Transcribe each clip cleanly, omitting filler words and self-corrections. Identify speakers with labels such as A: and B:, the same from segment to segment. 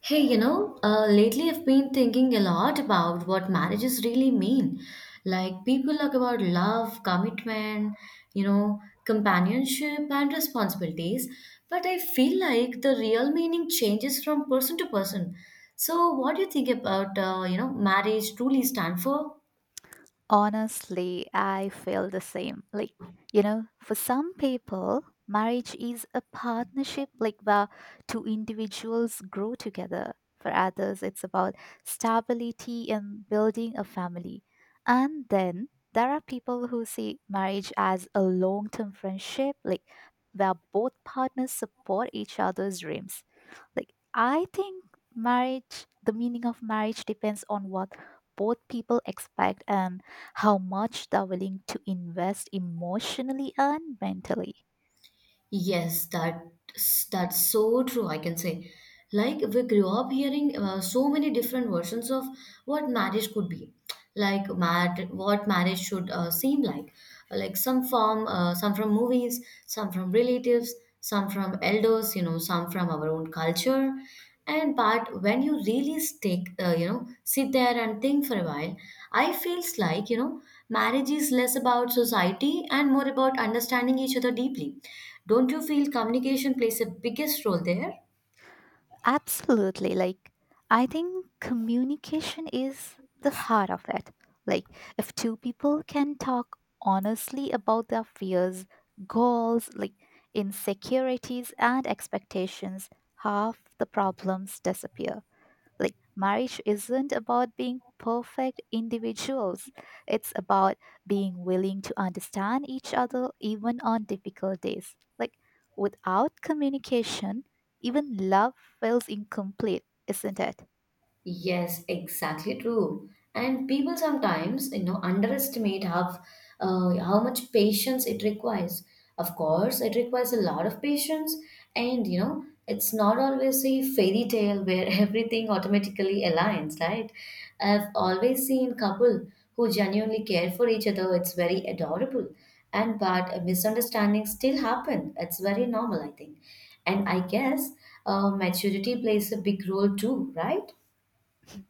A: Hey, lately I've been thinking a lot about what marriages really mean. Like, people talk about love, commitment, companionship, and responsibilities, but I feel like the real meaning changes from person to person. So, what do you think about, marriage truly stand for?
B: Honestly, I feel the same. For some people, marriage is a partnership like where two individuals grow together. For others, it's about stability and building a family. And then there are people who see marriage as a long term friendship, like where both partners support each other's dreams. Like, I think marriage, the meaning of marriage depends on what both people expect and how much they're willing to invest emotionally and mentally.
A: Yes, that's so true, I can say. Like we grew up hearing so many different versions of what marriage could be, what marriage should seem like. Like some from movies, some from relatives, some from elders, some from our own culture. And but when you really sit there and think for a while, I feels like, marriage is less about society and more about understanding each other deeply. Don't you feel communication plays a biggest role there?
B: Absolutely. Like, I think communication is the heart of it. Like, if two people can talk honestly about their fears, goals, like insecurities, and expectations, half the problems disappear. Like, marriage isn't about being perfect individuals, it's about being willing to understand each other even on difficult days. Like, without communication, even love feels incomplete, isn't it?
A: Yes, exactly true. And people sometimes, underestimate how much patience it requires. Of course, it requires a lot of patience, and it's not always a fairy tale where everything automatically aligns, right? I've always seen couple who genuinely care for each other. It's very adorable, and but misunderstandings still happen. It's very normal, I think. And I guess maturity plays a big role too, right?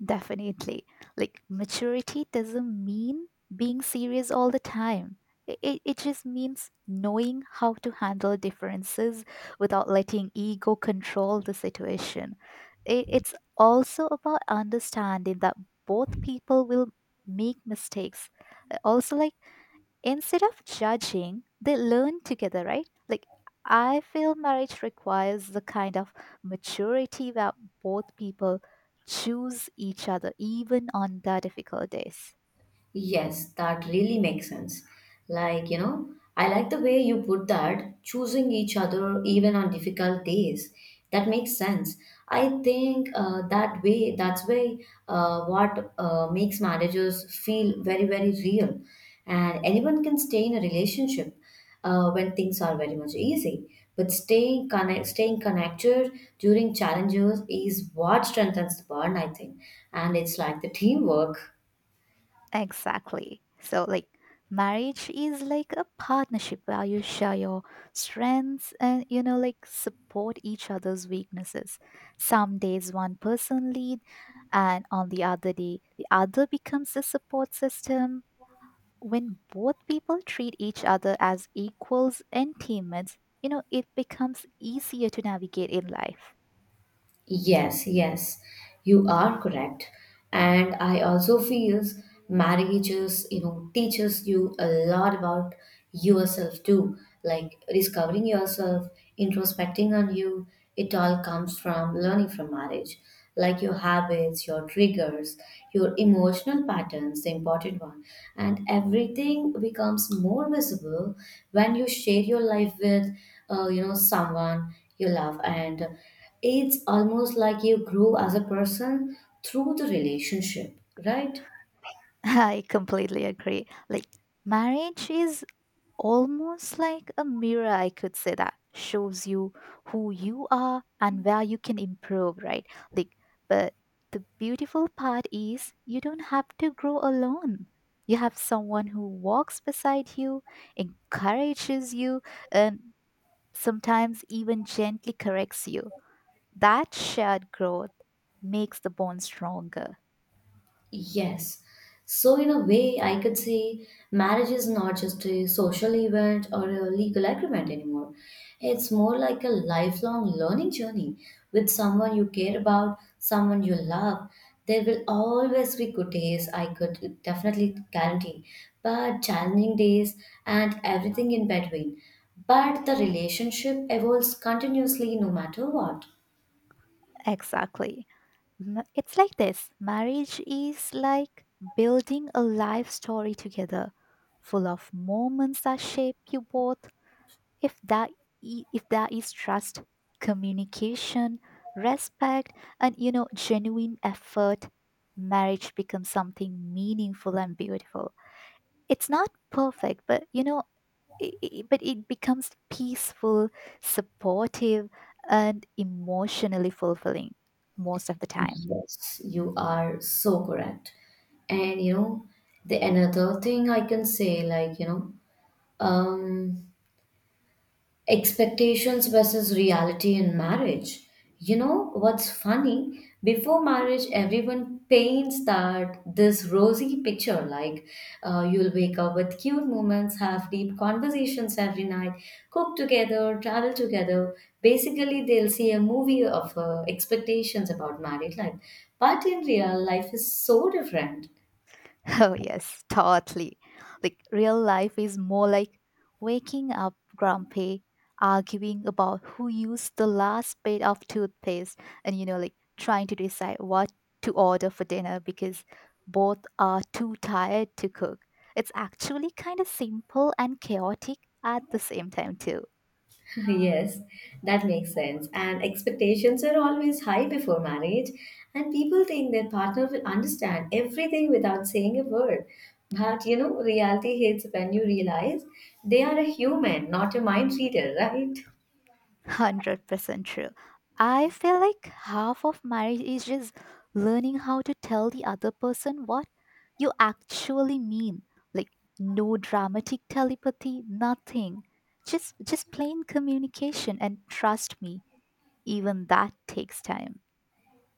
B: Definitely. Like maturity doesn't mean being serious all the time. It just means knowing how to handle differences without letting ego control the situation. It's also about understanding that both people will make mistakes. Also, like instead of judging, they learn together, right? Like, I feel marriage requires the kind of maturity where both people choose each other, even on the difficult days.
A: Yes, that really makes sense. Like, I like the way you put that, choosing each other even on difficult days. That makes sense. I think that way, that's why what makes marriages feel very, very real. And anyone can stay in a relationship when things are very much easy. But staying connected during challenges is what strengthens the bond, I think. And it's like the teamwork.
B: Exactly. So, like, marriage is like a partnership where you share your strengths and, like support each other's weaknesses. Some days one person lead, and on the other day, the other becomes the support system when both people treat each other as equals and teammates, it becomes easier to navigate in life.
A: Yes, yes, you are correct. And I also feels marriages, teaches you a lot about yourself too, like discovering yourself, introspecting on you. It all comes from learning from marriage, like your habits, your triggers, your emotional patterns, the important one. And everything becomes more visible when you share your life with, someone you love and it's almost like you grow as a person through the relationship, right?
B: I completely agree. Like, marriage is almost like a mirror, I could say that shows you who you are and where you can improve, right? Like, but the beautiful part is you don't have to grow alone. You have someone who walks beside you, encourages you, and sometimes even gently corrects you. That shared growth makes the bond stronger.
A: Yes. So, in a way, I could say marriage is not just a social event or a legal agreement anymore. It's more like a lifelong learning journey with someone you care about, someone you love. There will always be good days, I could definitely guarantee, but challenging days and everything in between. But the relationship evolves continuously no matter what.
B: Exactly. It's like this marriage is like building a life story together, full of moments that shape you both. If that I- If there is trust, communication, respect, and genuine effort, marriage becomes something meaningful and beautiful. It's not perfect, but you know, I- but it becomes peaceful, supportive, and emotionally fulfilling most of the time.
A: Yes, you are so correct. And you know, the another thing I can say, like, um, expectations versus reality in marriage. You know what's funny? Before marriage, everyone paints that this rosy picture like you'll wake up with cute moments, have deep conversations every night, cook together, travel together. Basically, they'll see a movie of expectations about married life. But in real life is so different.
B: Oh, yes, totally. Like, real life is more like waking up grumpy, arguing about who used the last bit of toothpaste, and, like trying to decide what to order for dinner because both are too tired to cook. It's actually kind of simple and chaotic at the same time, too.
A: Yes, that makes sense. And expectations are always high before marriage, and people think their partner will understand everything without saying a word. But reality hits when you realize they are a human, not a mind reader, right?
B: 100% true. I feel like half of marriage is just learning how to tell the other person what you actually mean. Like no dramatic telepathy, nothing. Just plain communication and trust me, even that takes time.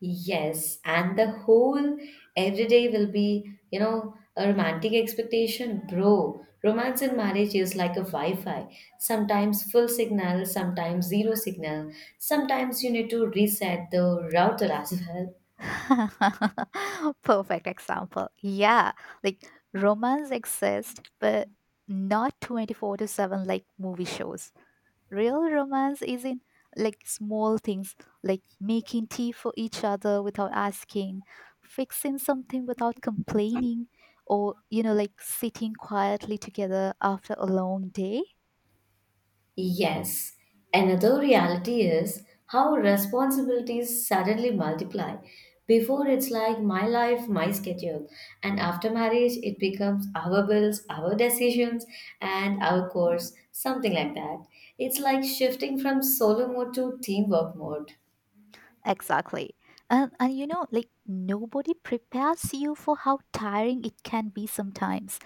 A: Yes, and the whole everyday will be, a romantic expectation, bro. Romance in marriage is like a Wi-Fi. Sometimes full signal, sometimes zero signal. Sometimes you need to reset the router as well.
B: Perfect example. Yeah, like romance exists, but not 24/7 like movie shows. Real romance is in like small things like making tea for each other without asking, fixing something without complaining, or like sitting quietly together after a long day.
A: Yes, another reality is how responsibilities suddenly multiply. Before it's like my life, my schedule, and after marriage, it becomes our bills, our decisions, and our course, something like that. It's like shifting from solo mode to teamwork mode.
B: Exactly. And like nobody prepares you for how tiring it can be sometimes.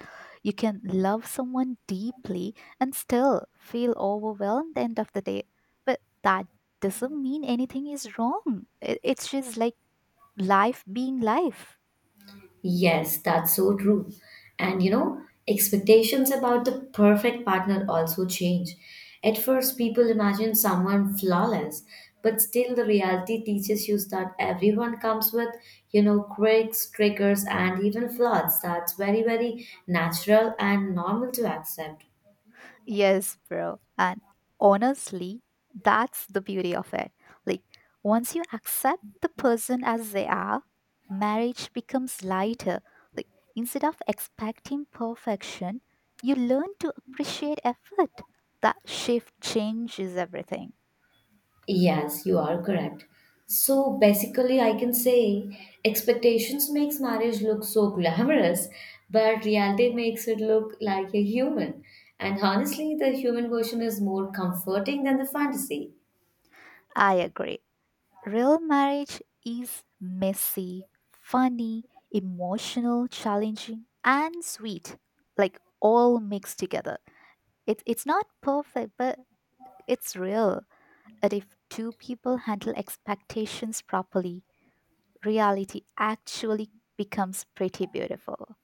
B: You can love someone deeply and still feel overwhelmed end of the day. But that doesn't mean anything is wrong. It's just like life being life.
A: Yes, that's so true. And expectations about the perfect partner also change. At first, people imagine someone flawless, but still, the reality teaches you that everyone comes with, quirks, triggers, and even flaws. That's very, very natural and normal to accept.
B: Yes, bro. And honestly, that's the beauty of it. Like, once you accept the person as they are, marriage becomes lighter. Like, instead of expecting perfection, you learn to appreciate effort. That shift changes everything.
A: Yes, you are correct. So basically, I can say expectations makes marriage look so glamorous, but reality makes it look like a human. And honestly, the human version is more comforting than the fantasy.
B: I agree. Real marriage is messy, funny, emotional, challenging, and sweet. Like, all mixed together. It's not perfect, but it's real that if two people handle expectations properly, reality actually becomes pretty beautiful.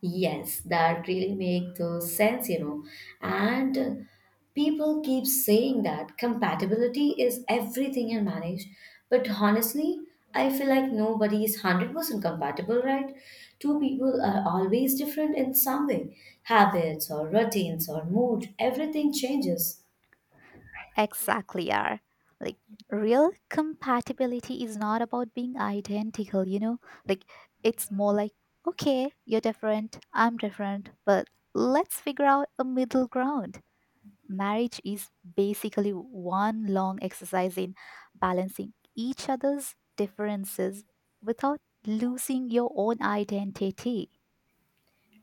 A: Yes, that really make the sense. And people keep saying that compatibility is everything in marriage, but honestly, I feel like nobody is 100% compatible, right? Two people are always different in some way. Habits or routines or mood, everything changes.
B: Exactly, are like real compatibility is not about being identical, you know? Like it's more like, okay, you're different, I'm different, but let's figure out a middle ground. Marriage is basically one long exercise in balancing each other's differences without losing your own identity.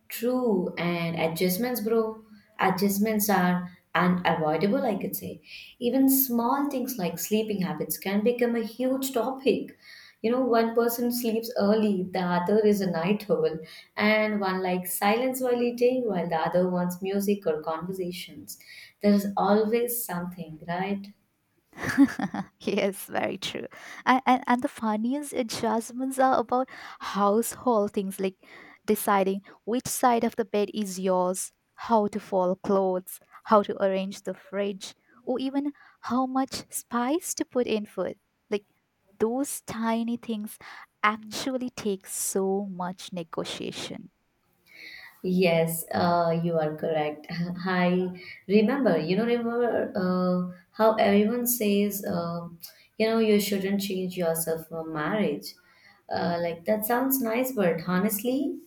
A: True, and adjustments, bro. Adjustments are unavoidable, I could say. Even small things like sleeping habits can become a huge topic. You know, one person sleeps early, the other is a night owl, and one likes silence while eating, while the other wants music or conversations. There is always something, right?
B: Yes, very true. And the funniest adjustments are about household things like deciding which side of the bed is yours, how to fold clothes, how to arrange the fridge, or even how much spice to put in food. Like those tiny things actually take so much negotiation.
A: Yes, you are correct. I remember, how everyone says, you shouldn't change yourself for marriage. Like that sounds nice, but honestly,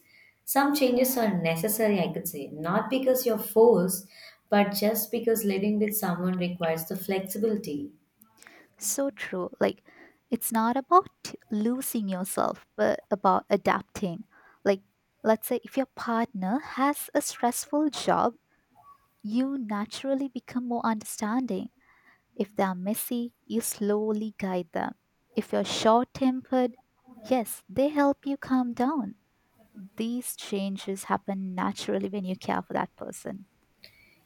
A: some changes are necessary, I could say. Not because you're forced, but just because living with someone requires the flexibility.
B: So true. Like, it's not about losing yourself, but about adapting. Like, let's say if your partner has a stressful job, you naturally become more understanding. If they are messy, you slowly guide them. If you're short tempered, yes, they help you calm down. These changes happen naturally when you care for that person.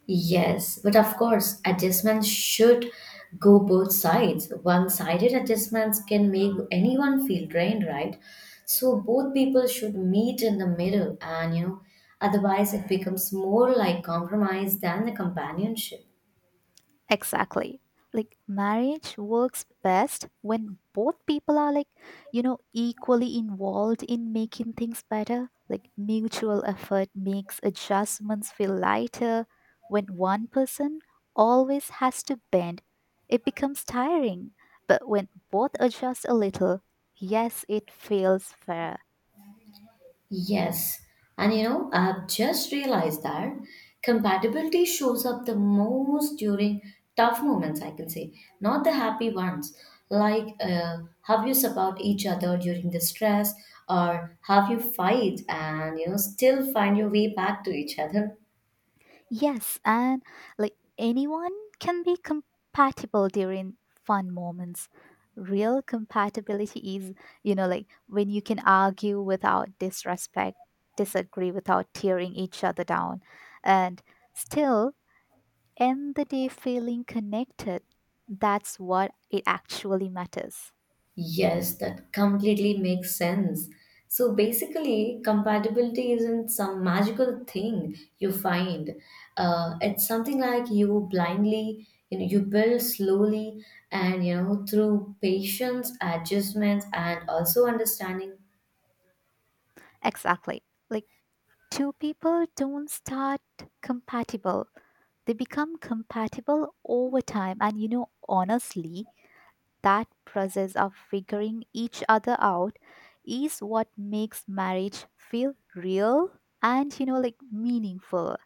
A: Yes, but of course, adjustments should go both sides. One sided adjustments can make anyone feel drained, right? So both people should meet in the middle, and otherwise, it becomes more like compromise than the companionship.
B: Exactly. Like marriage works best when both people are like, equally involved in making things better. Like mutual effort makes adjustments feel lighter. When one person always has to bend, it becomes tiring. But when both adjust a little, yes, it feels fair.
A: Yes, and I've just realized that compatibility shows up the most during tough moments, I can say, not the happy ones. Like, have you support each other during the stress, or have you fight and still find your way back to each other?
B: Yes, and like anyone can be compatible during fun moments. Real compatibility is, like when you can argue without disrespect, disagree without tearing each other down, and still end the day feeling connected. That's what it actually matters.
A: Yes, that completely makes sense. So basically, compatibility isn't some magical thing you find. It's something like you blindly, you build slowly and, through patience, adjustments, and also understanding.
B: Exactly. Like two people don't start compatible. They become compatible over time. And honestly, that process of figuring each other out is what makes marriage feel real and, like meaningful.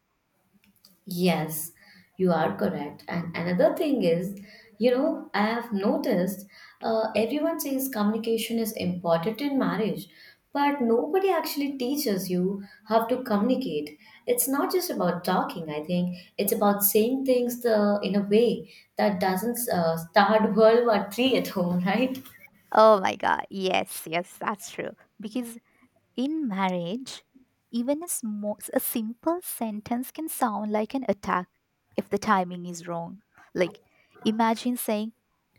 A: Yes, you are correct. And another thing is, I have noticed everyone says communication is important in marriage, but nobody actually teaches you how to communicate. It's not just about talking, I think. It's about saying things in a way that doesn't start World War III at home, right?
B: Oh my God. Yes, yes, that's true. Because in marriage, even a simple sentence can sound like an attack if the timing is wrong. Like, imagine saying,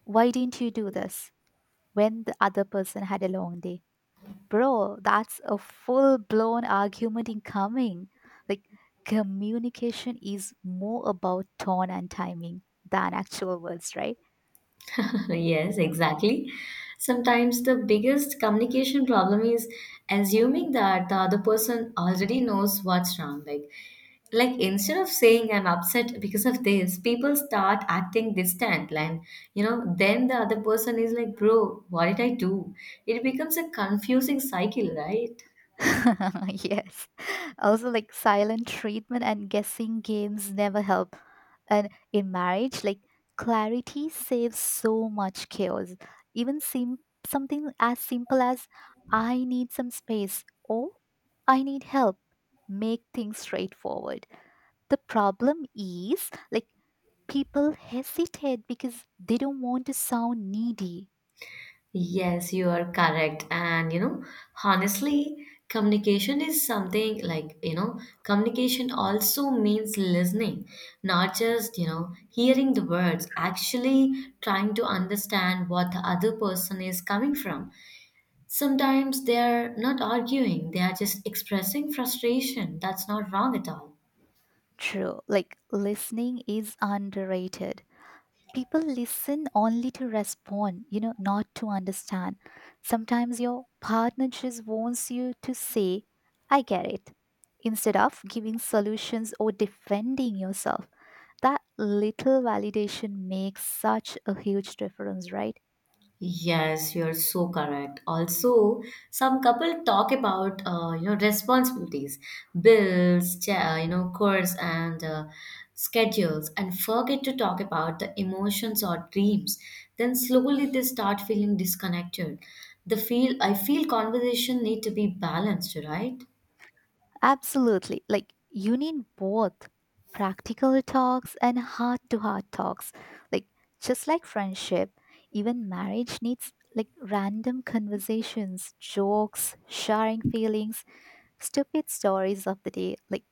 B: "Why didn't you do this?" when the other person had a long day. Bro, that's a full blown argument incoming. Like, communication is more about tone and timing than actual words, right?
A: Yes, exactly. Sometimes the biggest communication problem is assuming that the other person already knows what's wrong. Like, instead of saying I'm upset because of this, people start acting distant. And then the other person is like, "Bro, what did I do?" It becomes a confusing cycle, right?
B: Yes. Also, like silent treatment and guessing games never help. And in marriage, like clarity saves so much chaos. Even something as simple as "I need some space" or "I need help" make things straightforward. The problem is like people hesitate because they don't want to sound needy.
A: Yes, you are correct. And honestly, communication is something like, communication also means listening, not just, hearing the words, actually trying to understand what the other person is coming from. Sometimes they're not arguing, they are just expressing frustration. That's not wrong at all.
B: True, like listening is underrated. People listen only to respond, not to understand. Sometimes your partner just wants you to say, "I get it," instead of giving solutions or defending yourself. That little validation makes such a huge difference, right?
A: Yes, you're so correct. Also, some couple talk about responsibilities, bills, chores and schedules, and forget to talk about the emotions or dreams. Then slowly they start feeling disconnected. The feel I feel conversation need to be balanced, right?
B: Absolutely. Like you need both practical talks and heart to heart talks. Like just like friendship, even marriage needs like random conversations, jokes, sharing feelings, stupid stories of the day, like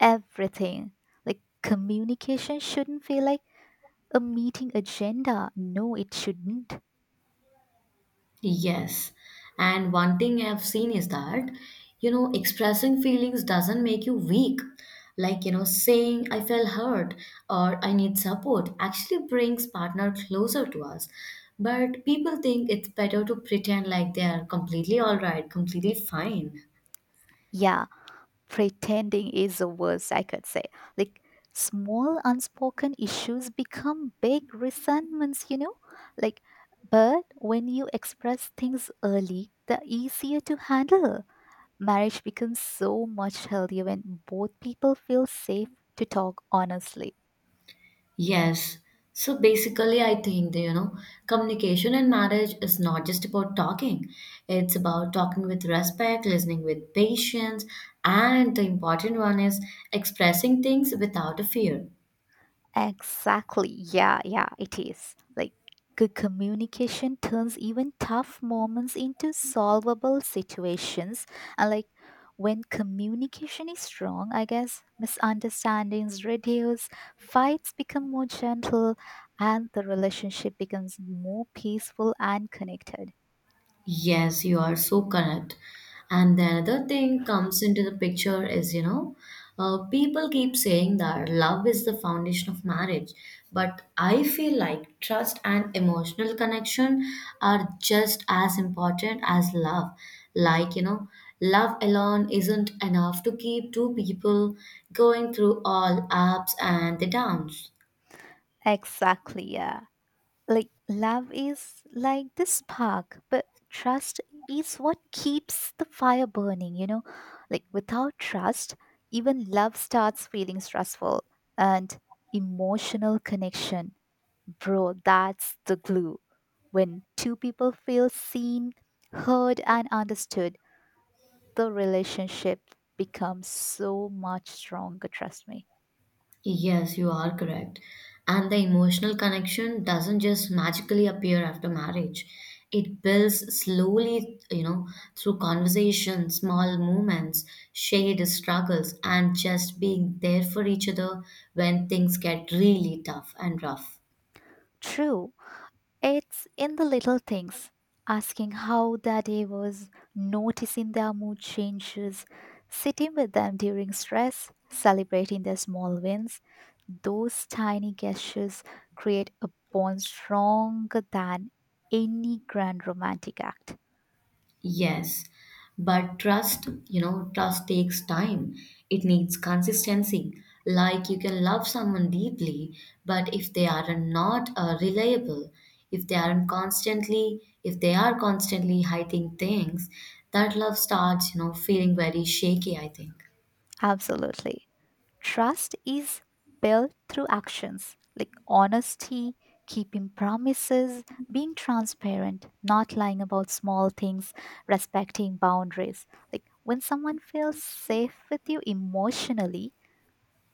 B: everything. Like communication shouldn't feel like a meeting agenda. No, it shouldn't.
A: Yes. And one thing I've seen is that, expressing feelings doesn't make you weak. Like, saying I feel hurt or I need support actually brings partner closer to us. But people think it's better to pretend like they are completely all right, completely fine.
B: Yeah. Pretending is the worst I could say. Like small unspoken issues become big resentments, you know? Like, but when you express things early, they're easier to handle. Marriage becomes so much healthier when both people feel safe to talk honestly.
A: Yes. So basically, I think that, communication in marriage is not just about talking. It's about talking with respect, listening with patience, and the important one is expressing things without a fear.
B: Exactly. Yeah, yeah, it is. Like good communication turns even tough moments into solvable situations. And like when communication is strong, I guess misunderstandings reduce, fights become more gentle, and the relationship becomes more peaceful and connected.
A: Yes, you are so correct. And the another thing comes into the picture is, people keep saying that love is the foundation of marriage, but I feel like trust and emotional connection are just as important as love. Like, love alone isn't enough to keep two people going through all ups and the downs.
B: Exactly. Yeah. Like love is like the spark, but trust is what keeps the fire burning, you know? Like without trust, even love starts feeling stressful. And emotional connection, bro, that's the glue. When two people feel seen, heard, and understood, the relationship becomes so much stronger, trust me.
A: Yes, you are correct. And the emotional connection doesn't just magically appear after marriage. It builds slowly, through conversation, small moments, shared struggles, and just being there for each other when things get really tough and rough.
B: True. It's in the little things, asking how their day was, noticing their mood changes, sitting with them during stress, celebrating their small wins. Those tiny gestures create a bond stronger than any grand romantic act.
A: Yes, but trust takes time. It needs consistency. Like you can love someone deeply, but if they are not reliable, if they are constantly hiding things, that love starts, feeling very shaky, I think.
B: Absolutely. Trust is built through actions like honesty, keeping promises, being transparent, not lying about small things, respecting boundaries. Like when someone feels safe with you emotionally,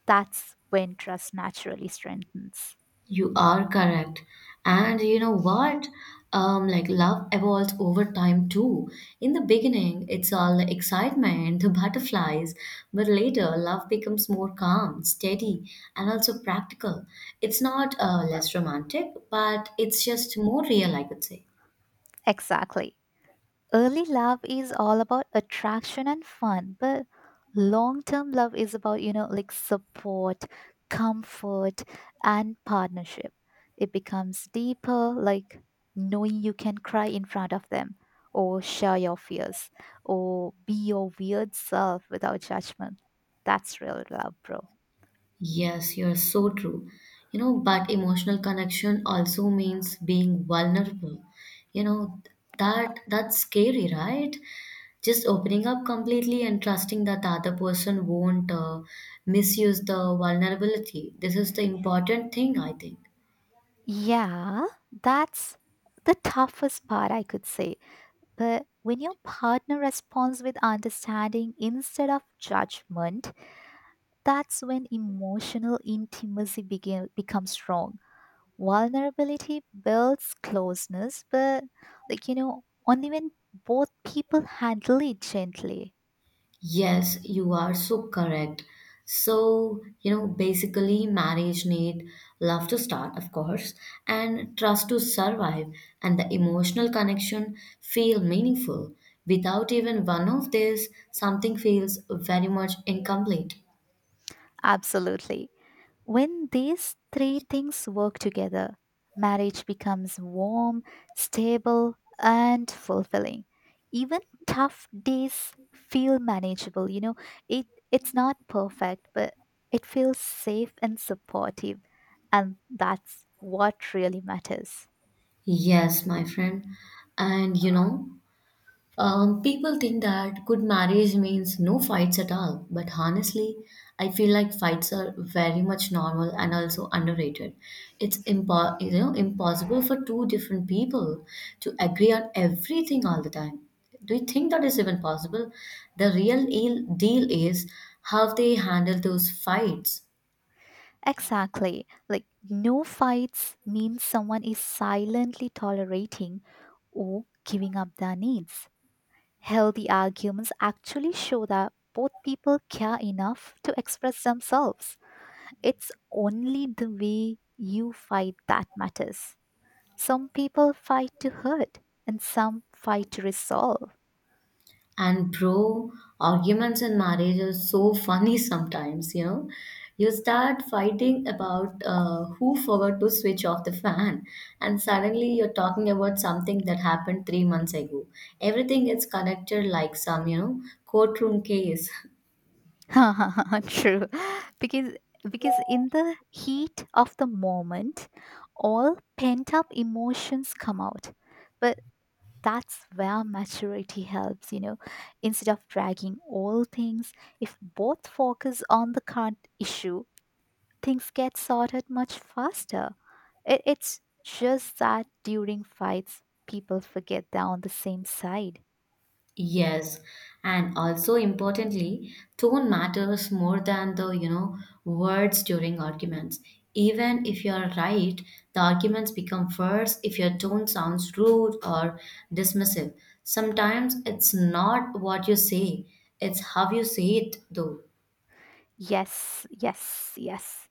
B: that's when trust naturally strengthens.
A: You are correct. And you know what? Like love evolves over time too. In the beginning, it's all the excitement, the butterflies, but later love becomes more calm, steady, and also practical. It's not less romantic, but it's just more real, I could say.
B: Exactly. Early love is all about attraction and fun, but long term love is about, like support, comfort, and partnership. It becomes deeper, like knowing you can cry in front of them, or share your fears, or be your weird self without judgment. That's real love, bro.
A: Yes, you're so true. You know, but emotional connection also means being vulnerable. You know, that's scary, right? Just opening up completely and trusting that the other person won't misuse the vulnerability. This is the important thing, I think.
B: Yeah, that's the toughest part, I could say. But when your partner responds with understanding instead of judgment, that's when emotional intimacy becomes strong. Vulnerability builds closeness, but like only when both people handle it gently.
A: Yes, you are so correct. So, basically, marriage need love to start, of course, and trust to survive, and the emotional connection feel meaningful. Without even one of these, something feels very much incomplete.
B: Absolutely. When these three things work together, marriage becomes warm, stable, and fulfilling. Even tough days feel manageable. It it's not perfect, but it feels safe and supportive, and that's what really matters.
A: Yes, my friend. And you know, People think that good marriage means no fights at all, but honestly, I feel like fights are very much normal and also underrated. It's impossible for two different people to agree on everything all the time. Do you think that is even possible? The real deal is how they handle those fights.
B: Exactly. Like no fights means someone is silently tolerating or giving up their needs. Healthy arguments actually show that both people care enough to express themselves. It's only the way you fight that matters. Some people fight to hurt and some fight to resolve.
A: And bro, arguments in marriage are so funny sometimes, you know. You start fighting about who forgot to switch off the fan, and suddenly you're talking about something that happened 3 months ago. Everything gets connected like some, you know, courtroom case.
B: True. Because because in the heat of the moment, all pent up emotions come out. But that's where maturity helps, instead of dragging all things. If both focus on the current issue, things get sorted much faster. It's just that during fights people forget they're on the same side.
A: Yes, and also importantly, tone matters more than the, you know, words during arguments. Even if you're right, the arguments become worse if your tone sounds rude or dismissive. Sometimes it's not what you say, it's how you say it, though.
B: Yes, yes, yes.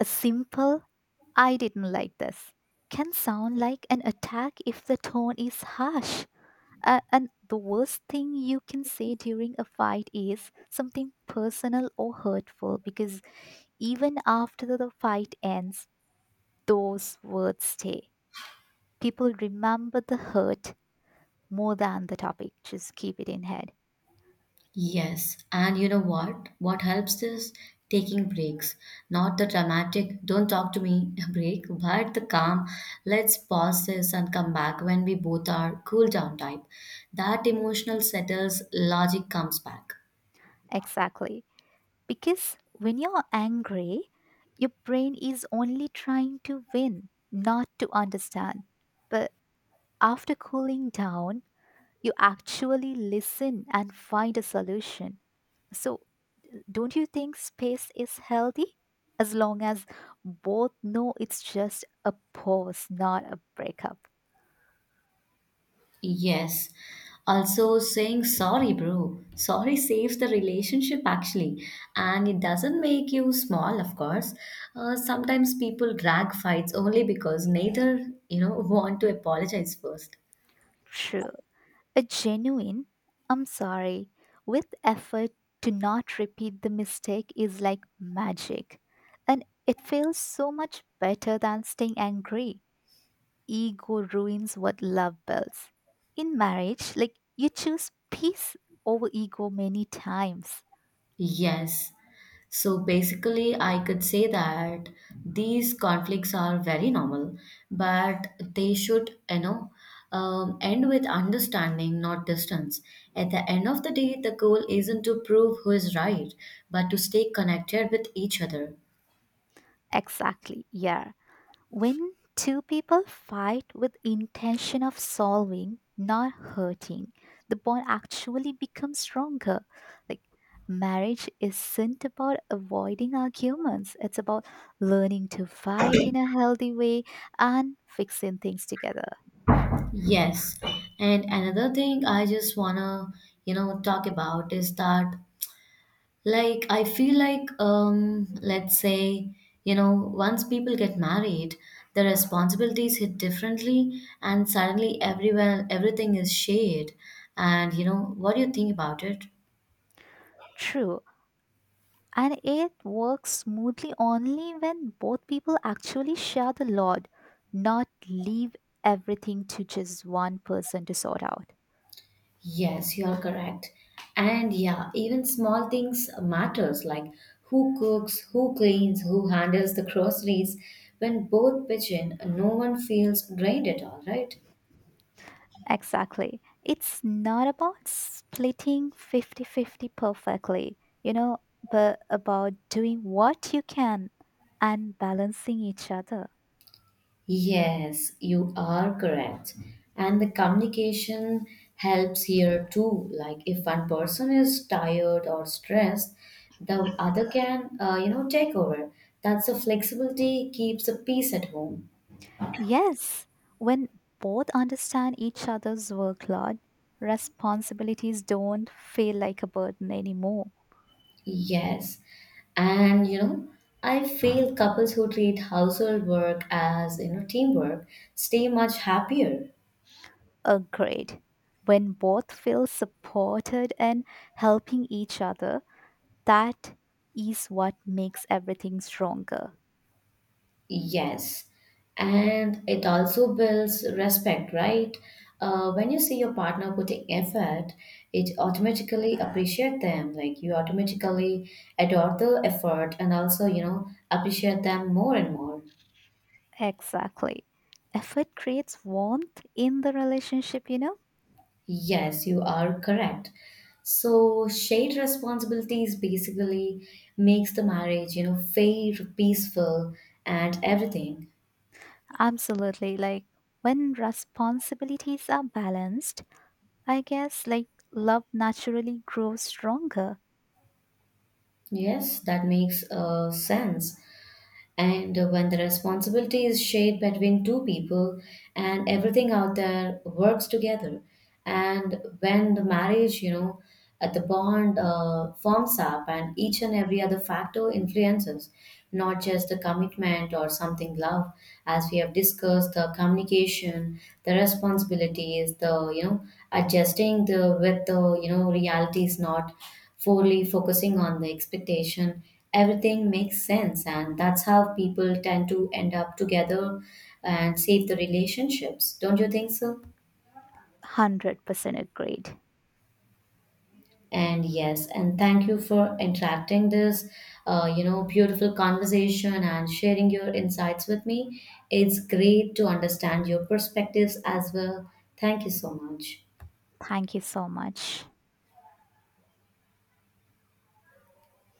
B: A simple "I didn't like this" can sound like an attack if the tone is harsh. And the worst thing you can say during a fight is something personal or hurtful because even after the fight ends, those words stay. People remember the hurt more than the topic. Just keep it in head.
A: Yes, and you know what? What helps is taking breaks. Not the dramatic, don't talk to me break, but the calm, let's pause this and come back when we both are cool down type. That emotional settles, logic comes back.
B: Exactly. Because when you're angry, your brain is only trying to win, not to understand. But after cooling down, you actually listen and find a solution. So, don't you think space is healthy? As long as both know it's just a pause, not a breakup.
A: Yes. Also, saying sorry, bro. Sorry saves the relationship actually, and it doesn't make you small, of course. Sometimes people drag fights only because neither, you know, want to apologize first.
B: True. A genuine, "I'm sorry," with effort to not repeat the mistake is like magic. And it feels so much better than staying angry. Ego ruins what love builds. In marriage, like you choose peace over ego many times.
A: Yes. So basically, I could say that these conflicts are very normal, but they should, end with understanding, not distance. At the end of the day, the goal isn't to prove who is right, but to stay connected with each other.
B: Exactly, yeah. When two people fight with intention of solving, not hurting, the bond actually becomes stronger. Like marriage isn't about avoiding arguments, it's about learning to fight in a healthy way and fixing things together.
A: Yes. And another thing I just wanna, you know, talk about is that. Let's say, you know, once people get married, the responsibilities hit differently, and suddenly everywhere everything is shared. And you know, what do you think about it?
B: True. And it works smoothly only when both people actually share the load, not leave everything to just one person to sort out.
A: Yes, you are correct. And yeah, even small things matters like who cooks, who cleans, who handles the groceries. When both pitch in, no one feels drained at all, right?
B: Exactly. It's not about splitting fifty-fifty perfectly, but about doing what you can and balancing each other.
A: Yes, you are correct. And the communication helps here too. Like if one person is tired or stressed, the other can, you know, take over. That's the flexibility keeps the peace at home.
B: Yes, when both understand each other's workload, responsibilities don't feel like a burden anymore.
A: Yes. And you know, I feel couples who treat household work as, you know, teamwork stay much happier.
B: Agreed. When both feel supported and helping each other, that is what makes everything stronger.
A: Yes, and it also builds respect, right? When you see your partner putting effort, it automatically appreciate them. Like you automatically adore the effort and also, you know, appreciate them more and more.
B: Exactly. Effort creates warmth in the relationship, you know?
A: Yes, you are correct. So shared responsibilities basically makes the marriage, you know, fair, peaceful, and everything.
B: Absolutely. Like when responsibilities are balanced, I guess like love naturally grows stronger.
A: Yes, that makes sense. And when the responsibility is shared between two people and everything out there works together, and when the marriage, you know, the bond forms up and each and every other factor influences, not just the commitment or something love, as we have discussed, the communication, the responsibilities, the, you know, adjusting the with the, you know, reality is not fully focusing on the expectation, everything makes sense, and that's how people tend to end up together and save the relationships. Don't you think so?
B: 100% agreed.
A: And yes, and thank you for interacting this you know, beautiful conversation and sharing your insights with me. It's great to understand your perspectives as well. Thank you so much.
B: Thank you so much.